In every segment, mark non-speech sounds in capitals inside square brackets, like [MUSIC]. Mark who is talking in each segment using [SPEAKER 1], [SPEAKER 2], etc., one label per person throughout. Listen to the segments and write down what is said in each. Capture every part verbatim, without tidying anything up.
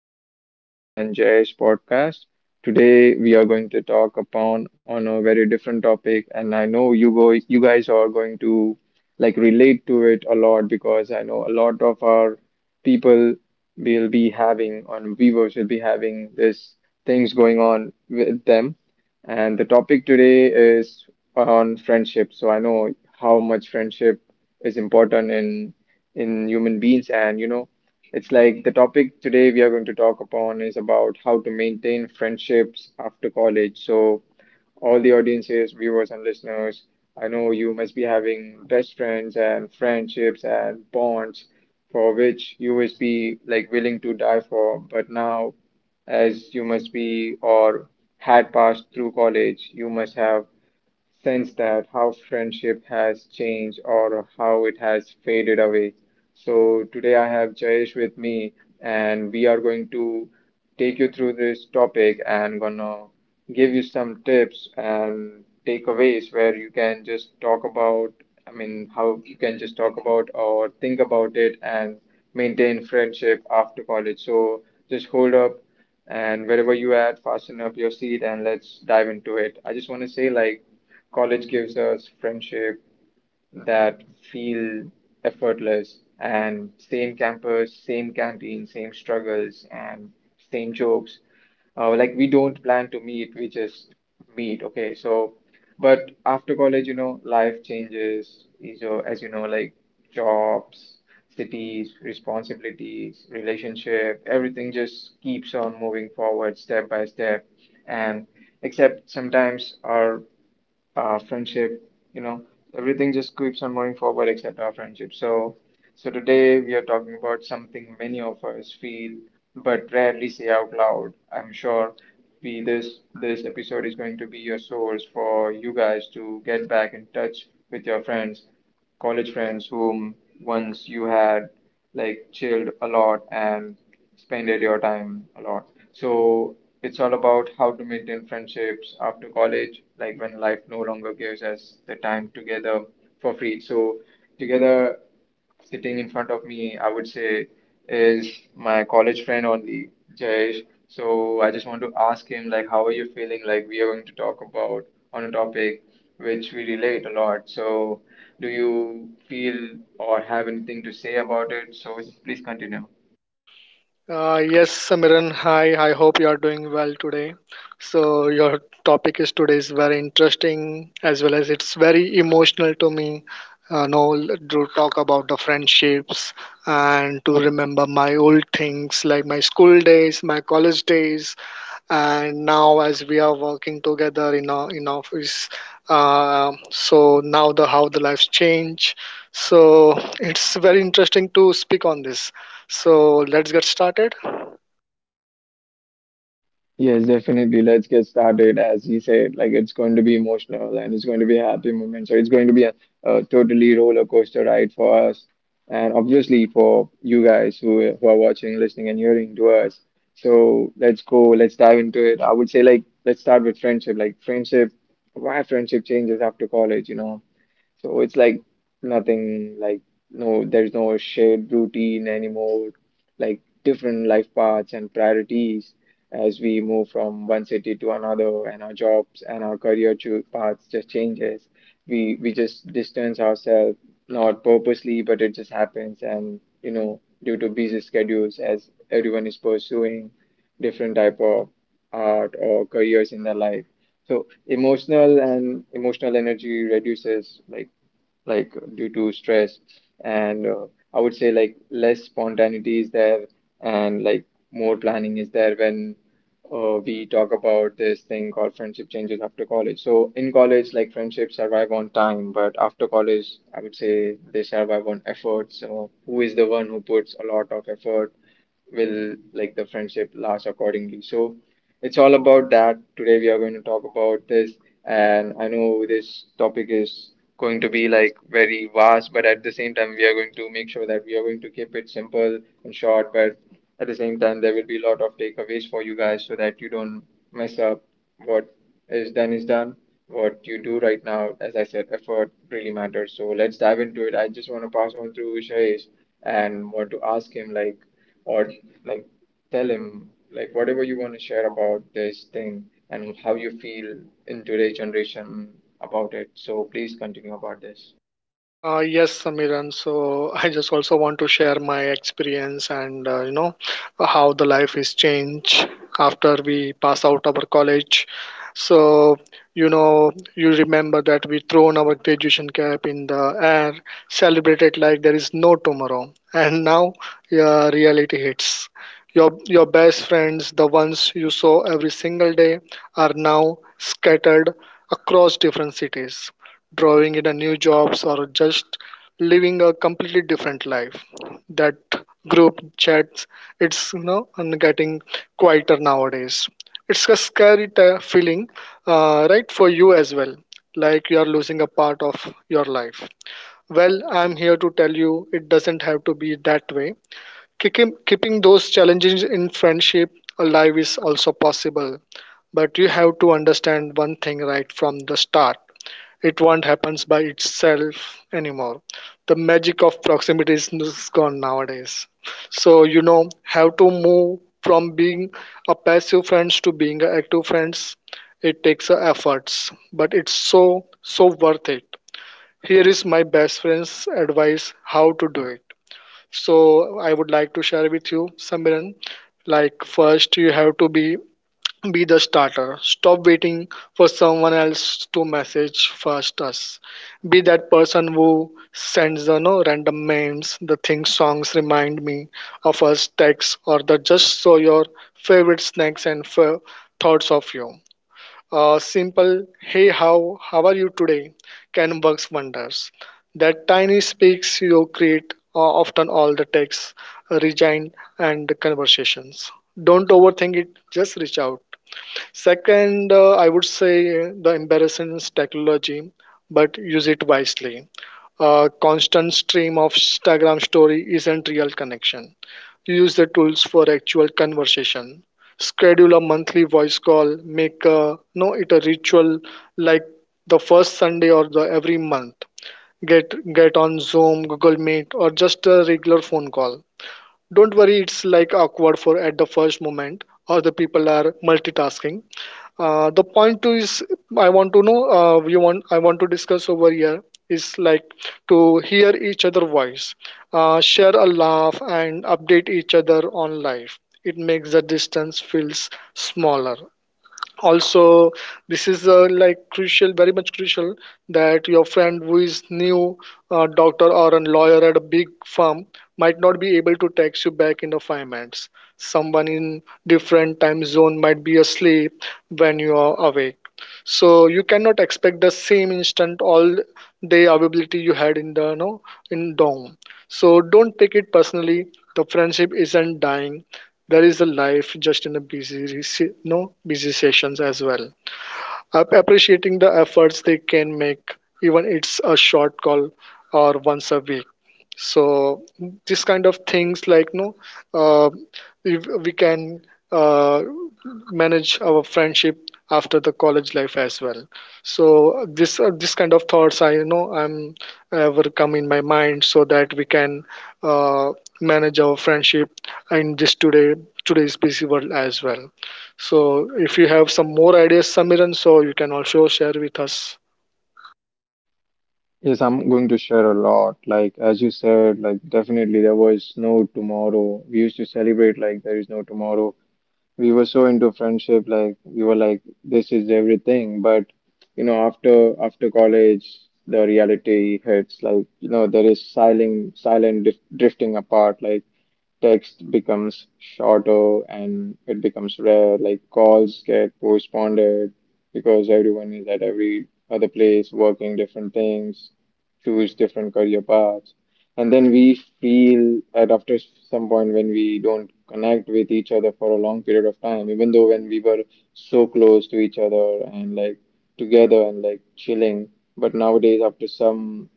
[SPEAKER 1] to Samiran and Jay's podcast. Today we are going to talk upon on a very different topic, and I know you go you guys are going to like relate to it a lot because I know a lot of our people will be having on viewers will be having this things going on with them, and the topic today is on friendship. So I know how much friendship is important in in human beings, and you know it's like the topic today we are going to talk upon is about how to maintain friendships after college. So, all the audiences, viewers, and listeners, I know you must be having best friends and friendships and bonds for which you must be like willing to die for. But now, as you must be or had passed through college, you must have sense that how friendship has changed or how it has faded away. So today I have Jayesh with me and we are going to take you through this topic and gonna give you some tips and takeaways where you can just talk about I mean how you can just talk about or think about it and maintain friendship after college. So just hold up and wherever you at, fasten up your seat and let's dive into it. I just want to say like college gives us friendship that feel effortless and same campus, same canteen, same struggles and same jokes. Uh, like we don't plan to meet, we just meet. Okay, so but after college, you know, life changes. is, uh, As you know, like jobs, cities, responsibilities, relationship, everything just keeps on moving forward step by step. And except sometimes our uh, friendship, you know, everything just keeps on moving forward except our friendship. So, so today we are talking about something many of us feel but rarely say out loud. I'm sure we this this episode is going to be your source for you guys to get back in touch with your friends, college friends whom once you had like chilled a lot and spended your time a lot. So it's all about how to maintain friendships after college, like when life no longer gives us the time together for free. So together sitting in front of me, I would say, is my college friend only, Jayesh. So I just want to ask him, like, how are you feeling? Like, we are going to talk about on a topic which we relate a lot. So, do you feel or have anything to say about it? So, please continue.
[SPEAKER 2] Uh, yes, Samiran, hi. I hope you are doing well today. So, your topic is today is very interesting as well as it's very emotional to me. Uh, no, To talk about the friendships and to remember my old things like my school days, my college days, and now as we are working together in our in office, uh, so now the how the lives change, so it's very interesting to speak on this, so let's get started.
[SPEAKER 1] Yes, definitely. Let's get started. As he said, like it's going to be emotional and it's going to be a happy moment. So it's going to be a, a totally roller coaster ride for us, and obviously for you guys who who are watching, listening, and hearing to us. So let's go. Let's dive into it. I would say like let's start with friendship. Like friendship, why friendship changes after college? You know, so it's like nothing like no, there's no shared routine anymore, like different life paths and priorities as we move from one city to another and our jobs and our career cho- paths just changes. We we just distance ourselves, not purposely, but it just happens and you know, due to busy schedules as everyone is pursuing different type of art or careers in their life so emotional and emotional energy reduces like like due to stress and uh, I would say like less spontaneity is there and like more planning is there when uh, we talk about this thing called friendship changes after college. So in college like friendships survive on time but after college I would say they survive on effort. So who is the one who puts a lot of effort will like the friendship last accordingly. So it's all about that. Today we are going to talk about this, and I know this topic is going to be like very vast, but at the same time we are going to make sure that we are going to keep it simple and short, but at the same time there will be a lot of takeaways for you guys so that you don't mess up what is done is done. What you do right now, as I said, effort really matters. So let's dive into it. I just want to pass on through Shayesh and want to ask him like or like tell him like whatever you want to share about this thing and how you feel in today's generation about it. So please continue about this.
[SPEAKER 2] Uh, yes, Samiran. So [LAUGHS] I just also want to share my experience, and uh, you know, how the life is changed after we pass out our college. So you know you remember that we thrown our graduation cap in the air, celebrated like there is no tomorrow, and now yeah, reality hits. Your your best friends, the ones you saw every single day, are now scattered across different cities, drawing in a new jobs, or just living a completely different life. That group chats, it's you know, and getting quieter nowadays. It's a scary t- feeling, uh, right, for you as well, like you are losing a part of your life. Well, I'm here to tell you it doesn't have to be that way. Keeping, keeping those challenges in friendship alive is also possible, but you have to understand one thing right from the start: it won't happen by itself anymore. The magic of proximity is is gone nowadays. So you know, have to move from being a passive friends to being a active friends. It takes a efforts, but it's so so worth it. Here is my best friend's advice how to do it. So I would like to share with you, Samiran. Like first, you have to be be the starter. Stop waiting for someone else to message first us. Be that person who sends the no random memes, the thing songs remind me of us text, or the just so your favorite snacks and fa- thoughts of you. A simple hey how how are you today can works wonders. That tiny speaks you create uh, often all the texts, uh, rejoin and conversations. Don't overthink it. Just reach out. Second, uh, I would say the embarrassance technology, but use it wisely. A constant stream of Instagram story isn't real connection. Use the tools for actual conversation. Schedule a monthly voice call. Make a, no it a ritual like the first Sunday or the every month. Get get on Zoom, Google Meet, or just a regular phone call. Don't worry, it's like awkward for at the first moment, or the people are multitasking. Uh, the point two is I want to know, uh, you want I want to discuss over here, is like to hear each other voice, uh, share a laugh and update each other on life. It makes the distance feels smaller. Also, this is uh, like crucial, very much crucial, that your friend who is new, uh, doctor or a lawyer at a big firm, might not be able to text you back in the five minutes. Someone in different time zone might be asleep when you are awake, so you cannot expect the same instant all day availability you had in the no in dorm. So don't take it personally, the friendship isn't dying, there is a life just in a busy rece- no busy sessions as well. Ap- appreciating the efforts they can make, even it's a short call or once a week. So this kind of things like no, uh, if we can, uh, manage our friendship after the college life as well. So this, uh, this kind of thoughts I you know I'm ever come in my mind so that we can, uh, manage our friendship in this today today's busy world as well. So if you have some more ideas, Samiran, so you can also share with us.
[SPEAKER 1] Yes, I'm going to share a lot. Like, as you said, like, definitely there was no tomorrow. We used to celebrate like there is no tomorrow. We were so into friendship like we were like this is everything but you know after after college the reality hits like you know there is silent silent dif- drifting apart like text becomes shorter and it becomes rare like calls get postponed because everyone is at every other place working different things, choose different career paths, and then we feel that after some point when we don't connect with each other for a long period of time, even though when we were so close to each other and like together and like chilling, but nowadays after some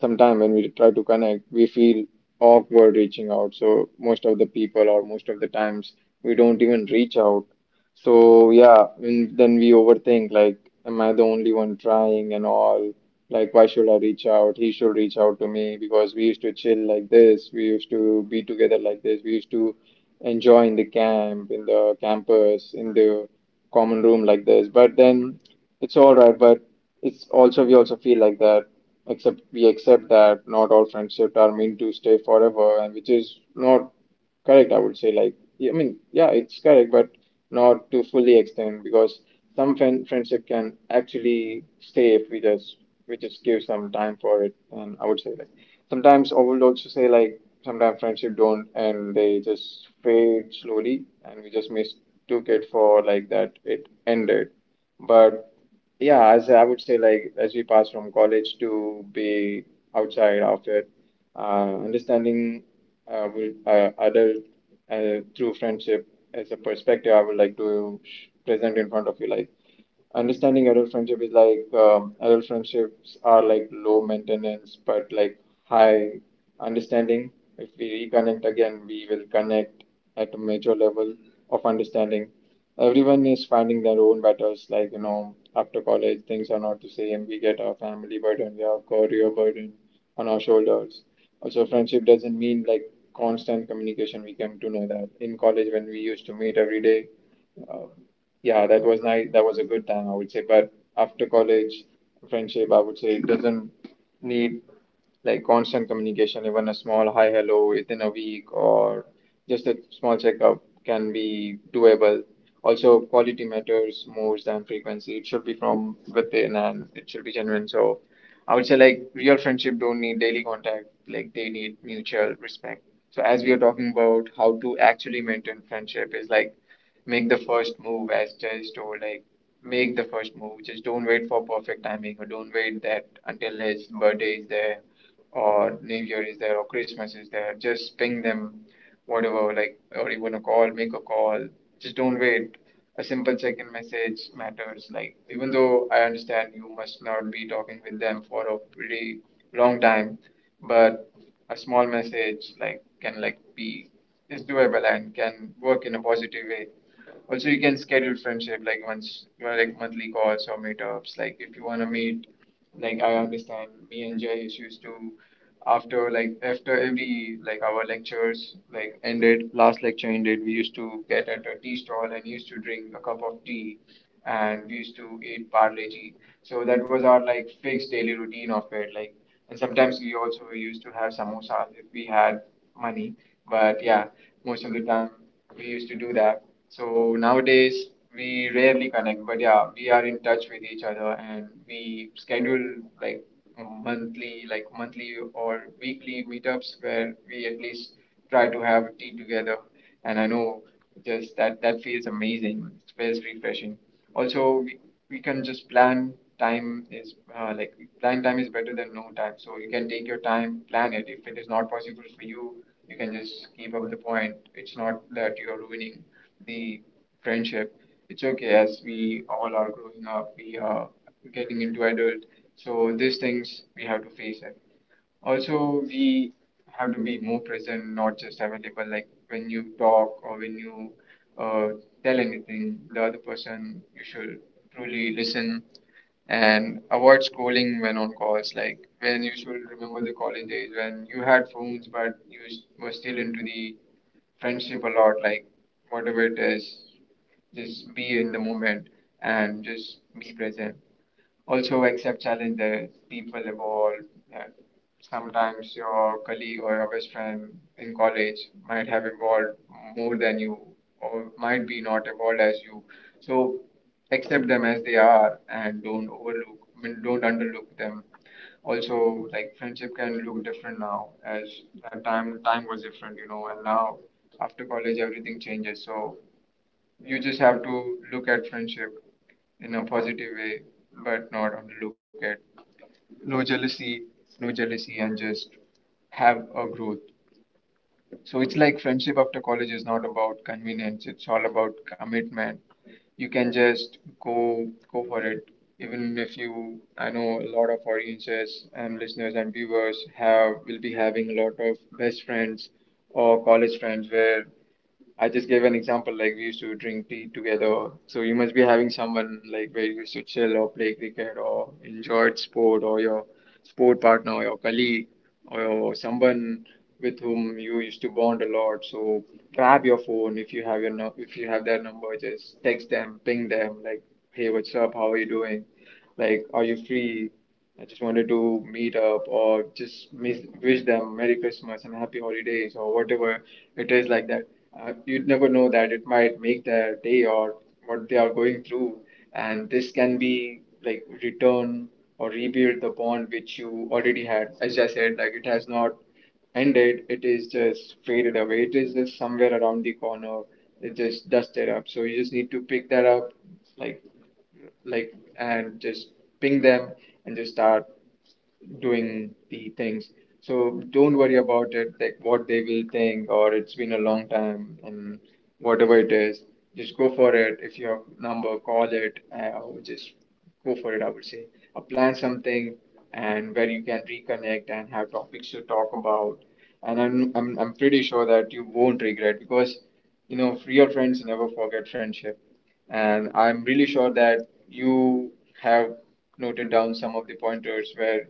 [SPEAKER 1] some time when we try to connect, we feel awkward reaching out. So most of the people or most of the times we don't even reach out. So yeah, and then we overthink like, am I the only one trying and all? Like, why should I reach out? He should reach out to me because we used to chill like this. We used to be together like this. We used to enjoy in the camp, in the campus, in the common room like this. But then it's all right. But it's also, we also feel like that, except we accept that not all friendships are meant to stay forever, and which is not. Correct, I would say like yeah, I mean yeah, it's correct, but not to fully extend because some friend friendship can actually stay if we just we just give some time for it. And I would say like sometimes I would also say like sometimes friendship don't and they just fade slowly, and we just mistook it for like that it ended, but. Yeah, as I would say, like as we pass from college to be outside after uh, understanding uh, will, uh, adult uh, through friendship as a perspective, I would like to sh- present in front of you. Like understanding adult friendship is like um, adult friendships are like low maintenance but like high understanding. If we reconnect again, we will connect at a major level of understanding. Everyone is finding their own battles. Like, you know, after college, things are not the same. We get our family burden, we have career burden on our shoulders. Also, friendship doesn't mean like constant communication. We came to know that in college when we used to meet every day. Uh, yeah, that was nice. That was a good time, I would say. But after college, friendship, I would say, it doesn't need like constant communication, even a small hi hello within a week or just a small checkup can be doable. Also, quality matters more than frequency. It should be from within and it should be genuine. So, I would say like real friendship don't need daily contact. Like they need mutual respect. So, as we are talking about how to actually maintain friendship is like make the first move as just or like make the first move. Just don't wait for perfect timing or don't wait that until his birthday is there or New Year is there or Christmas is there. Just ping them, whatever, like, or even a call, make a call. Just don't wait. A simple check in message matters. Like, even though I understand you must not be talking with them for a pretty long time, but a small message like can like be is doable and can work in a positive way. Also you can schedule friendship like once you like monthly calls or meetups like if you want to meet, like I understand me and Jay used to, after like after every like our lectures like ended, last lecture ended we used to get at a tea stall and used to drink a cup of tea and we used to eat parle ji so that was our like fixed daily routine of it like, and sometimes we also used to have samosas if we had money. But yeah, most of the time we used to do that. So nowadays we rarely connect, but yeah, we are in touch with each other and we schedule like monthly, like monthly or weekly meetups where we at least try to have tea together. And I know just that that feels amazing. It feels refreshing also we, we can just plan time is uh, like plan time is better than no time, so you can take your time, plan it. If it is not possible for you, you can just keep up the point. It's not that you're ruining the friendship. It's okay, as we all are growing up, we are getting into adult, so these things we have to face it. Also, we have to be more present, not just available. Like when you talk or when you uh, tell anything, the other person, you should truly listen and avoid scrolling when on calls. Like, when you should remember the college days when you had phones, but you s- were still into the friendship a lot. Like whatever it is, just be in the moment and just be present. Also accept challenges. People evolve. Yeah. Sometimes your colleague or your best friend in college might have evolved more than you, or might be not evolved as you. So accept them as they are, and don't overlook, I mean, don't underlook them. Also, like, friendship can look different now, as that time time was different, you know, and now after college everything changes. So you just have to look at friendship in a positive way, but not only look at no jealousy, no jealousy, and just have a growth. So it's like friendship after college is not about convenience, it's all about commitment. You can just go go for it. Even if you, I know a lot of audiences and listeners and viewers have will be having a lot of best friends or college friends where I just gave an example, like we used to drink tea together. So you must be having someone, like where you used to chill or play cricket or enjoyed sport, or your sport partner or your colleague or your, someone with whom you used to bond a lot. So grab your phone. If you have your nu- if you have their number, just text them, ping them, like, hey, what's up? How are you doing? Like, are you free? I just wanted to meet up, or just miss, wish them Merry Christmas and Happy Holidays or whatever it is like that. Uh, you'd never know that it might make their day or what they are going through. And this can be like return or rebuild the bond which you already had. As I said, like, it has not ended, it is just faded away. It is just somewhere around the corner. It just dusted up. So you just need to pick that up, like like and just ping them and just start doing the things. So don't worry about it, like what they will think, or it's been a long time, and whatever it is, just go for it. If you have number, call it, uh, or just go for it, I would say. Uh, plan something, and where you can reconnect and have topics to talk about. And I'm I'm I'm pretty sure that you won't regret, because you know real friends never forget friendship. And I'm really sure that you have noted down some of the pointers where,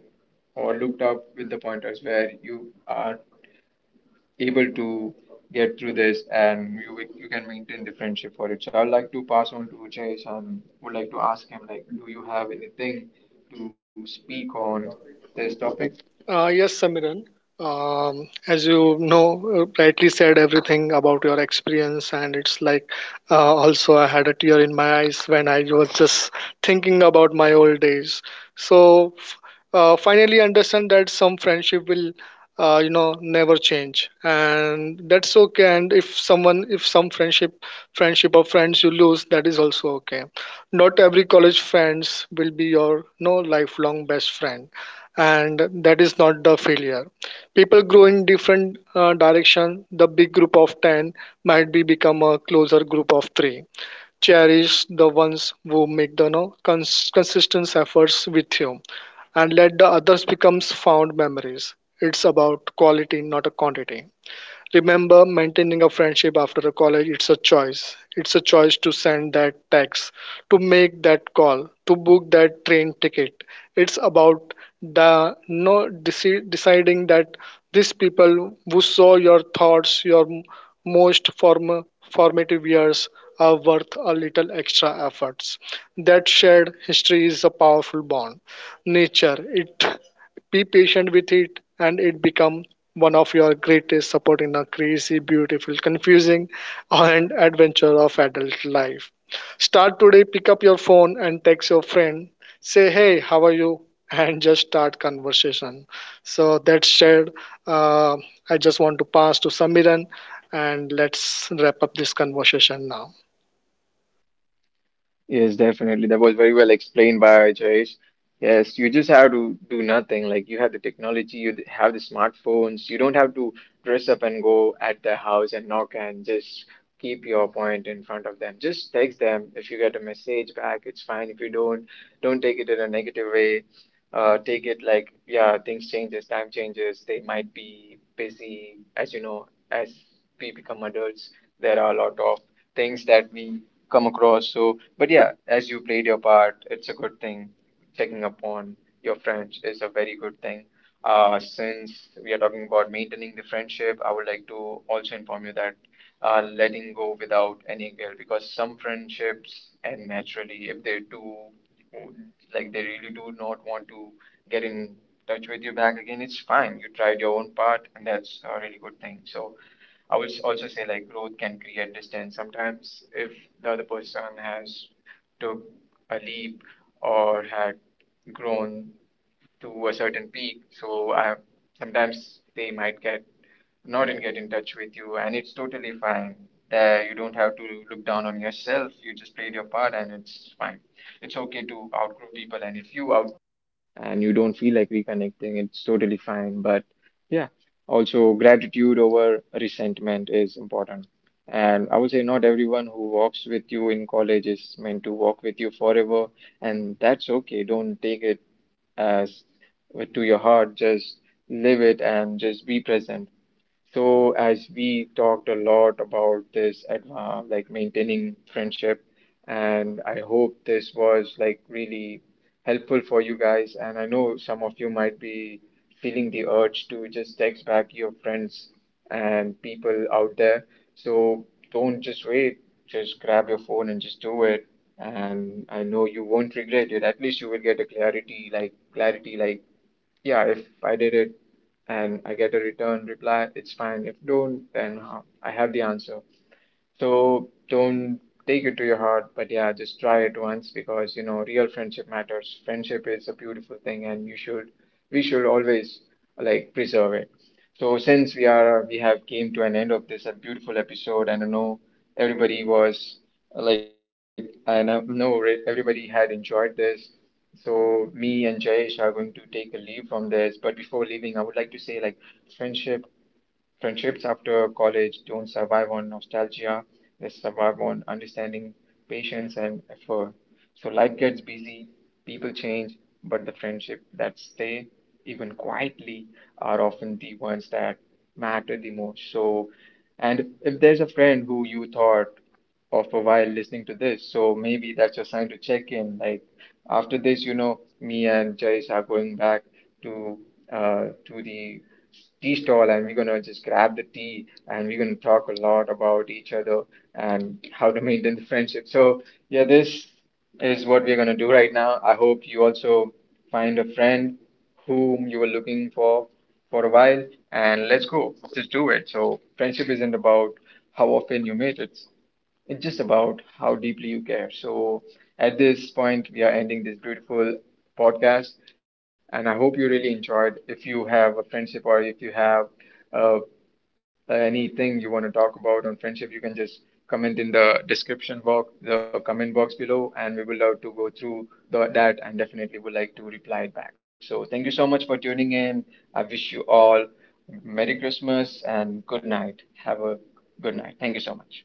[SPEAKER 1] or looked up with the pointers where you are able to get through this, and you, you can maintain the friendship for it. So I'd like to pass on to Jayesh and would like to ask him, like, do you have anything to speak on this topic?
[SPEAKER 2] Uh, yes, Samiran. Um, as you know, uh, rightly said everything about your experience, and it's like, uh, also I had a tear in my eyes when I was just thinking about my old days. So f- uh, finally, understand that some friendship will, uh, you know, never change, and that's okay. And if someone, if some friendship, friendship or friends you lose, that is also okay. Not every college friends will be your, no lifelong best friend, and that is not the failure. People grow in different uh, direction. The big group of ten might be become a closer group of three. Cherish the ones who make the no, cons- consistent efforts with you, and let the others becomes found memories. It's about quality, not a quantity. Remember, maintaining a friendship after a college, it's a choice. It's a choice to send that text, to make that call, to book that train ticket. It's about the no deci- deciding that these people who saw your thoughts, your m- most form, formative years, are worth a little extra efforts. That shared history is a powerful bond, nature it, be patient with it and it become one of your greatest support in a crazy beautiful confusing and adventure of adult life. Start today, pick up your phone and text your friend, say hey how are you, [LAUGHS] and just start conversation. So that said, uh, I just want to pass to Samiran, and let's wrap up this conversation now.
[SPEAKER 1] Yes, definitely. That was very well explained by Jayesh. Yes, you just have to do nothing. Like, you have the technology, you have the smartphones. You don't have to dress up and go at their house and knock and just keep your point in front of them. Just text them. If you get a message back, it's fine. If you don't, don't take it in a negative way. Uh, take it like, yeah, things changes, time changes. They might be busy. As you know, as we become adults, there are a lot of things that we come across. So, but yeah, as you played your part, it's a good thing. Checking up on your friends is a very good thing. Uh, since we are talking about maintaining the friendship, I would like to also inform you that uh, letting go without any guilt, because some friendships end naturally. If they do, like they really do not want to get in touch with you back again, it's fine. You tried your own part, and that's a really good thing. So I would also say, like growth can create distance. Sometimes if the other person has took a leap or had grown to a certain peak, so I, sometimes they might get not and get in touch with you, and it's totally fine. That you don't have to look down on yourself, you just played your part, and it's fine. It's okay to outgrow people, and if you out and you don't feel like reconnecting, it's totally fine. But yeah, also gratitude over resentment is important. And I would say, not everyone who walks with you in college is meant to walk with you forever, and that's okay. Don't take it as to your heart, just live it and just be present. So as we talked a lot about this at uh, like maintaining friendship, and I hope this was like really helpful for you guys. And I know some of you might be feeling the urge to just text back your friends and people out there. So don't just wait. Just grab your phone and just do it. And I know you won't regret it. At least you will get a clarity, like clarity, like, yeah, if I did it and I get a return reply, it's fine. If don't, then uh, I have the answer. So don't take it to your heart, but yeah, just try it once, because you know real friendship matters. Friendship is a beautiful thing, and you should we should always like preserve it. So since we are we have came to an end of this a beautiful episode, and I know everybody was uh, like, I know know re- everybody had enjoyed this. So me and Jayesh are going to take a leave from this, but before leaving, I would like to say, like friendship Friendships after college don't survive on nostalgia, they survive on understanding, patience, and effort. So life gets busy, people change, but the friendship that stay, even quietly, are often the ones that matter the most. So, and if there's a friend who you thought of a while listening to this, so maybe that's your sign to check in. Like after this, you know, me and Jayesh are going back to uh to the tea stall, and we're gonna just grab the tea, and we're gonna talk a lot about each other and how to maintain the friendship. So yeah, this is what we're going to do right now. I hope you also find a friend whom you were looking for for a while, and let's go. Just do it. So, friendship isn't about how often you meet, it's it's just about how deeply you care. So, at this point, we are ending this beautiful podcast, and I hope you really enjoyed. If you have a friendship, or if you have a uh, anything you want to talk about on friendship, you can just comment in the description box, the comment box below, and we will love to go through the, that, and definitely would like to reply it back. So thank you so much for tuning in. I wish you all Merry Christmas and good night. Have a good night. Thank you so much.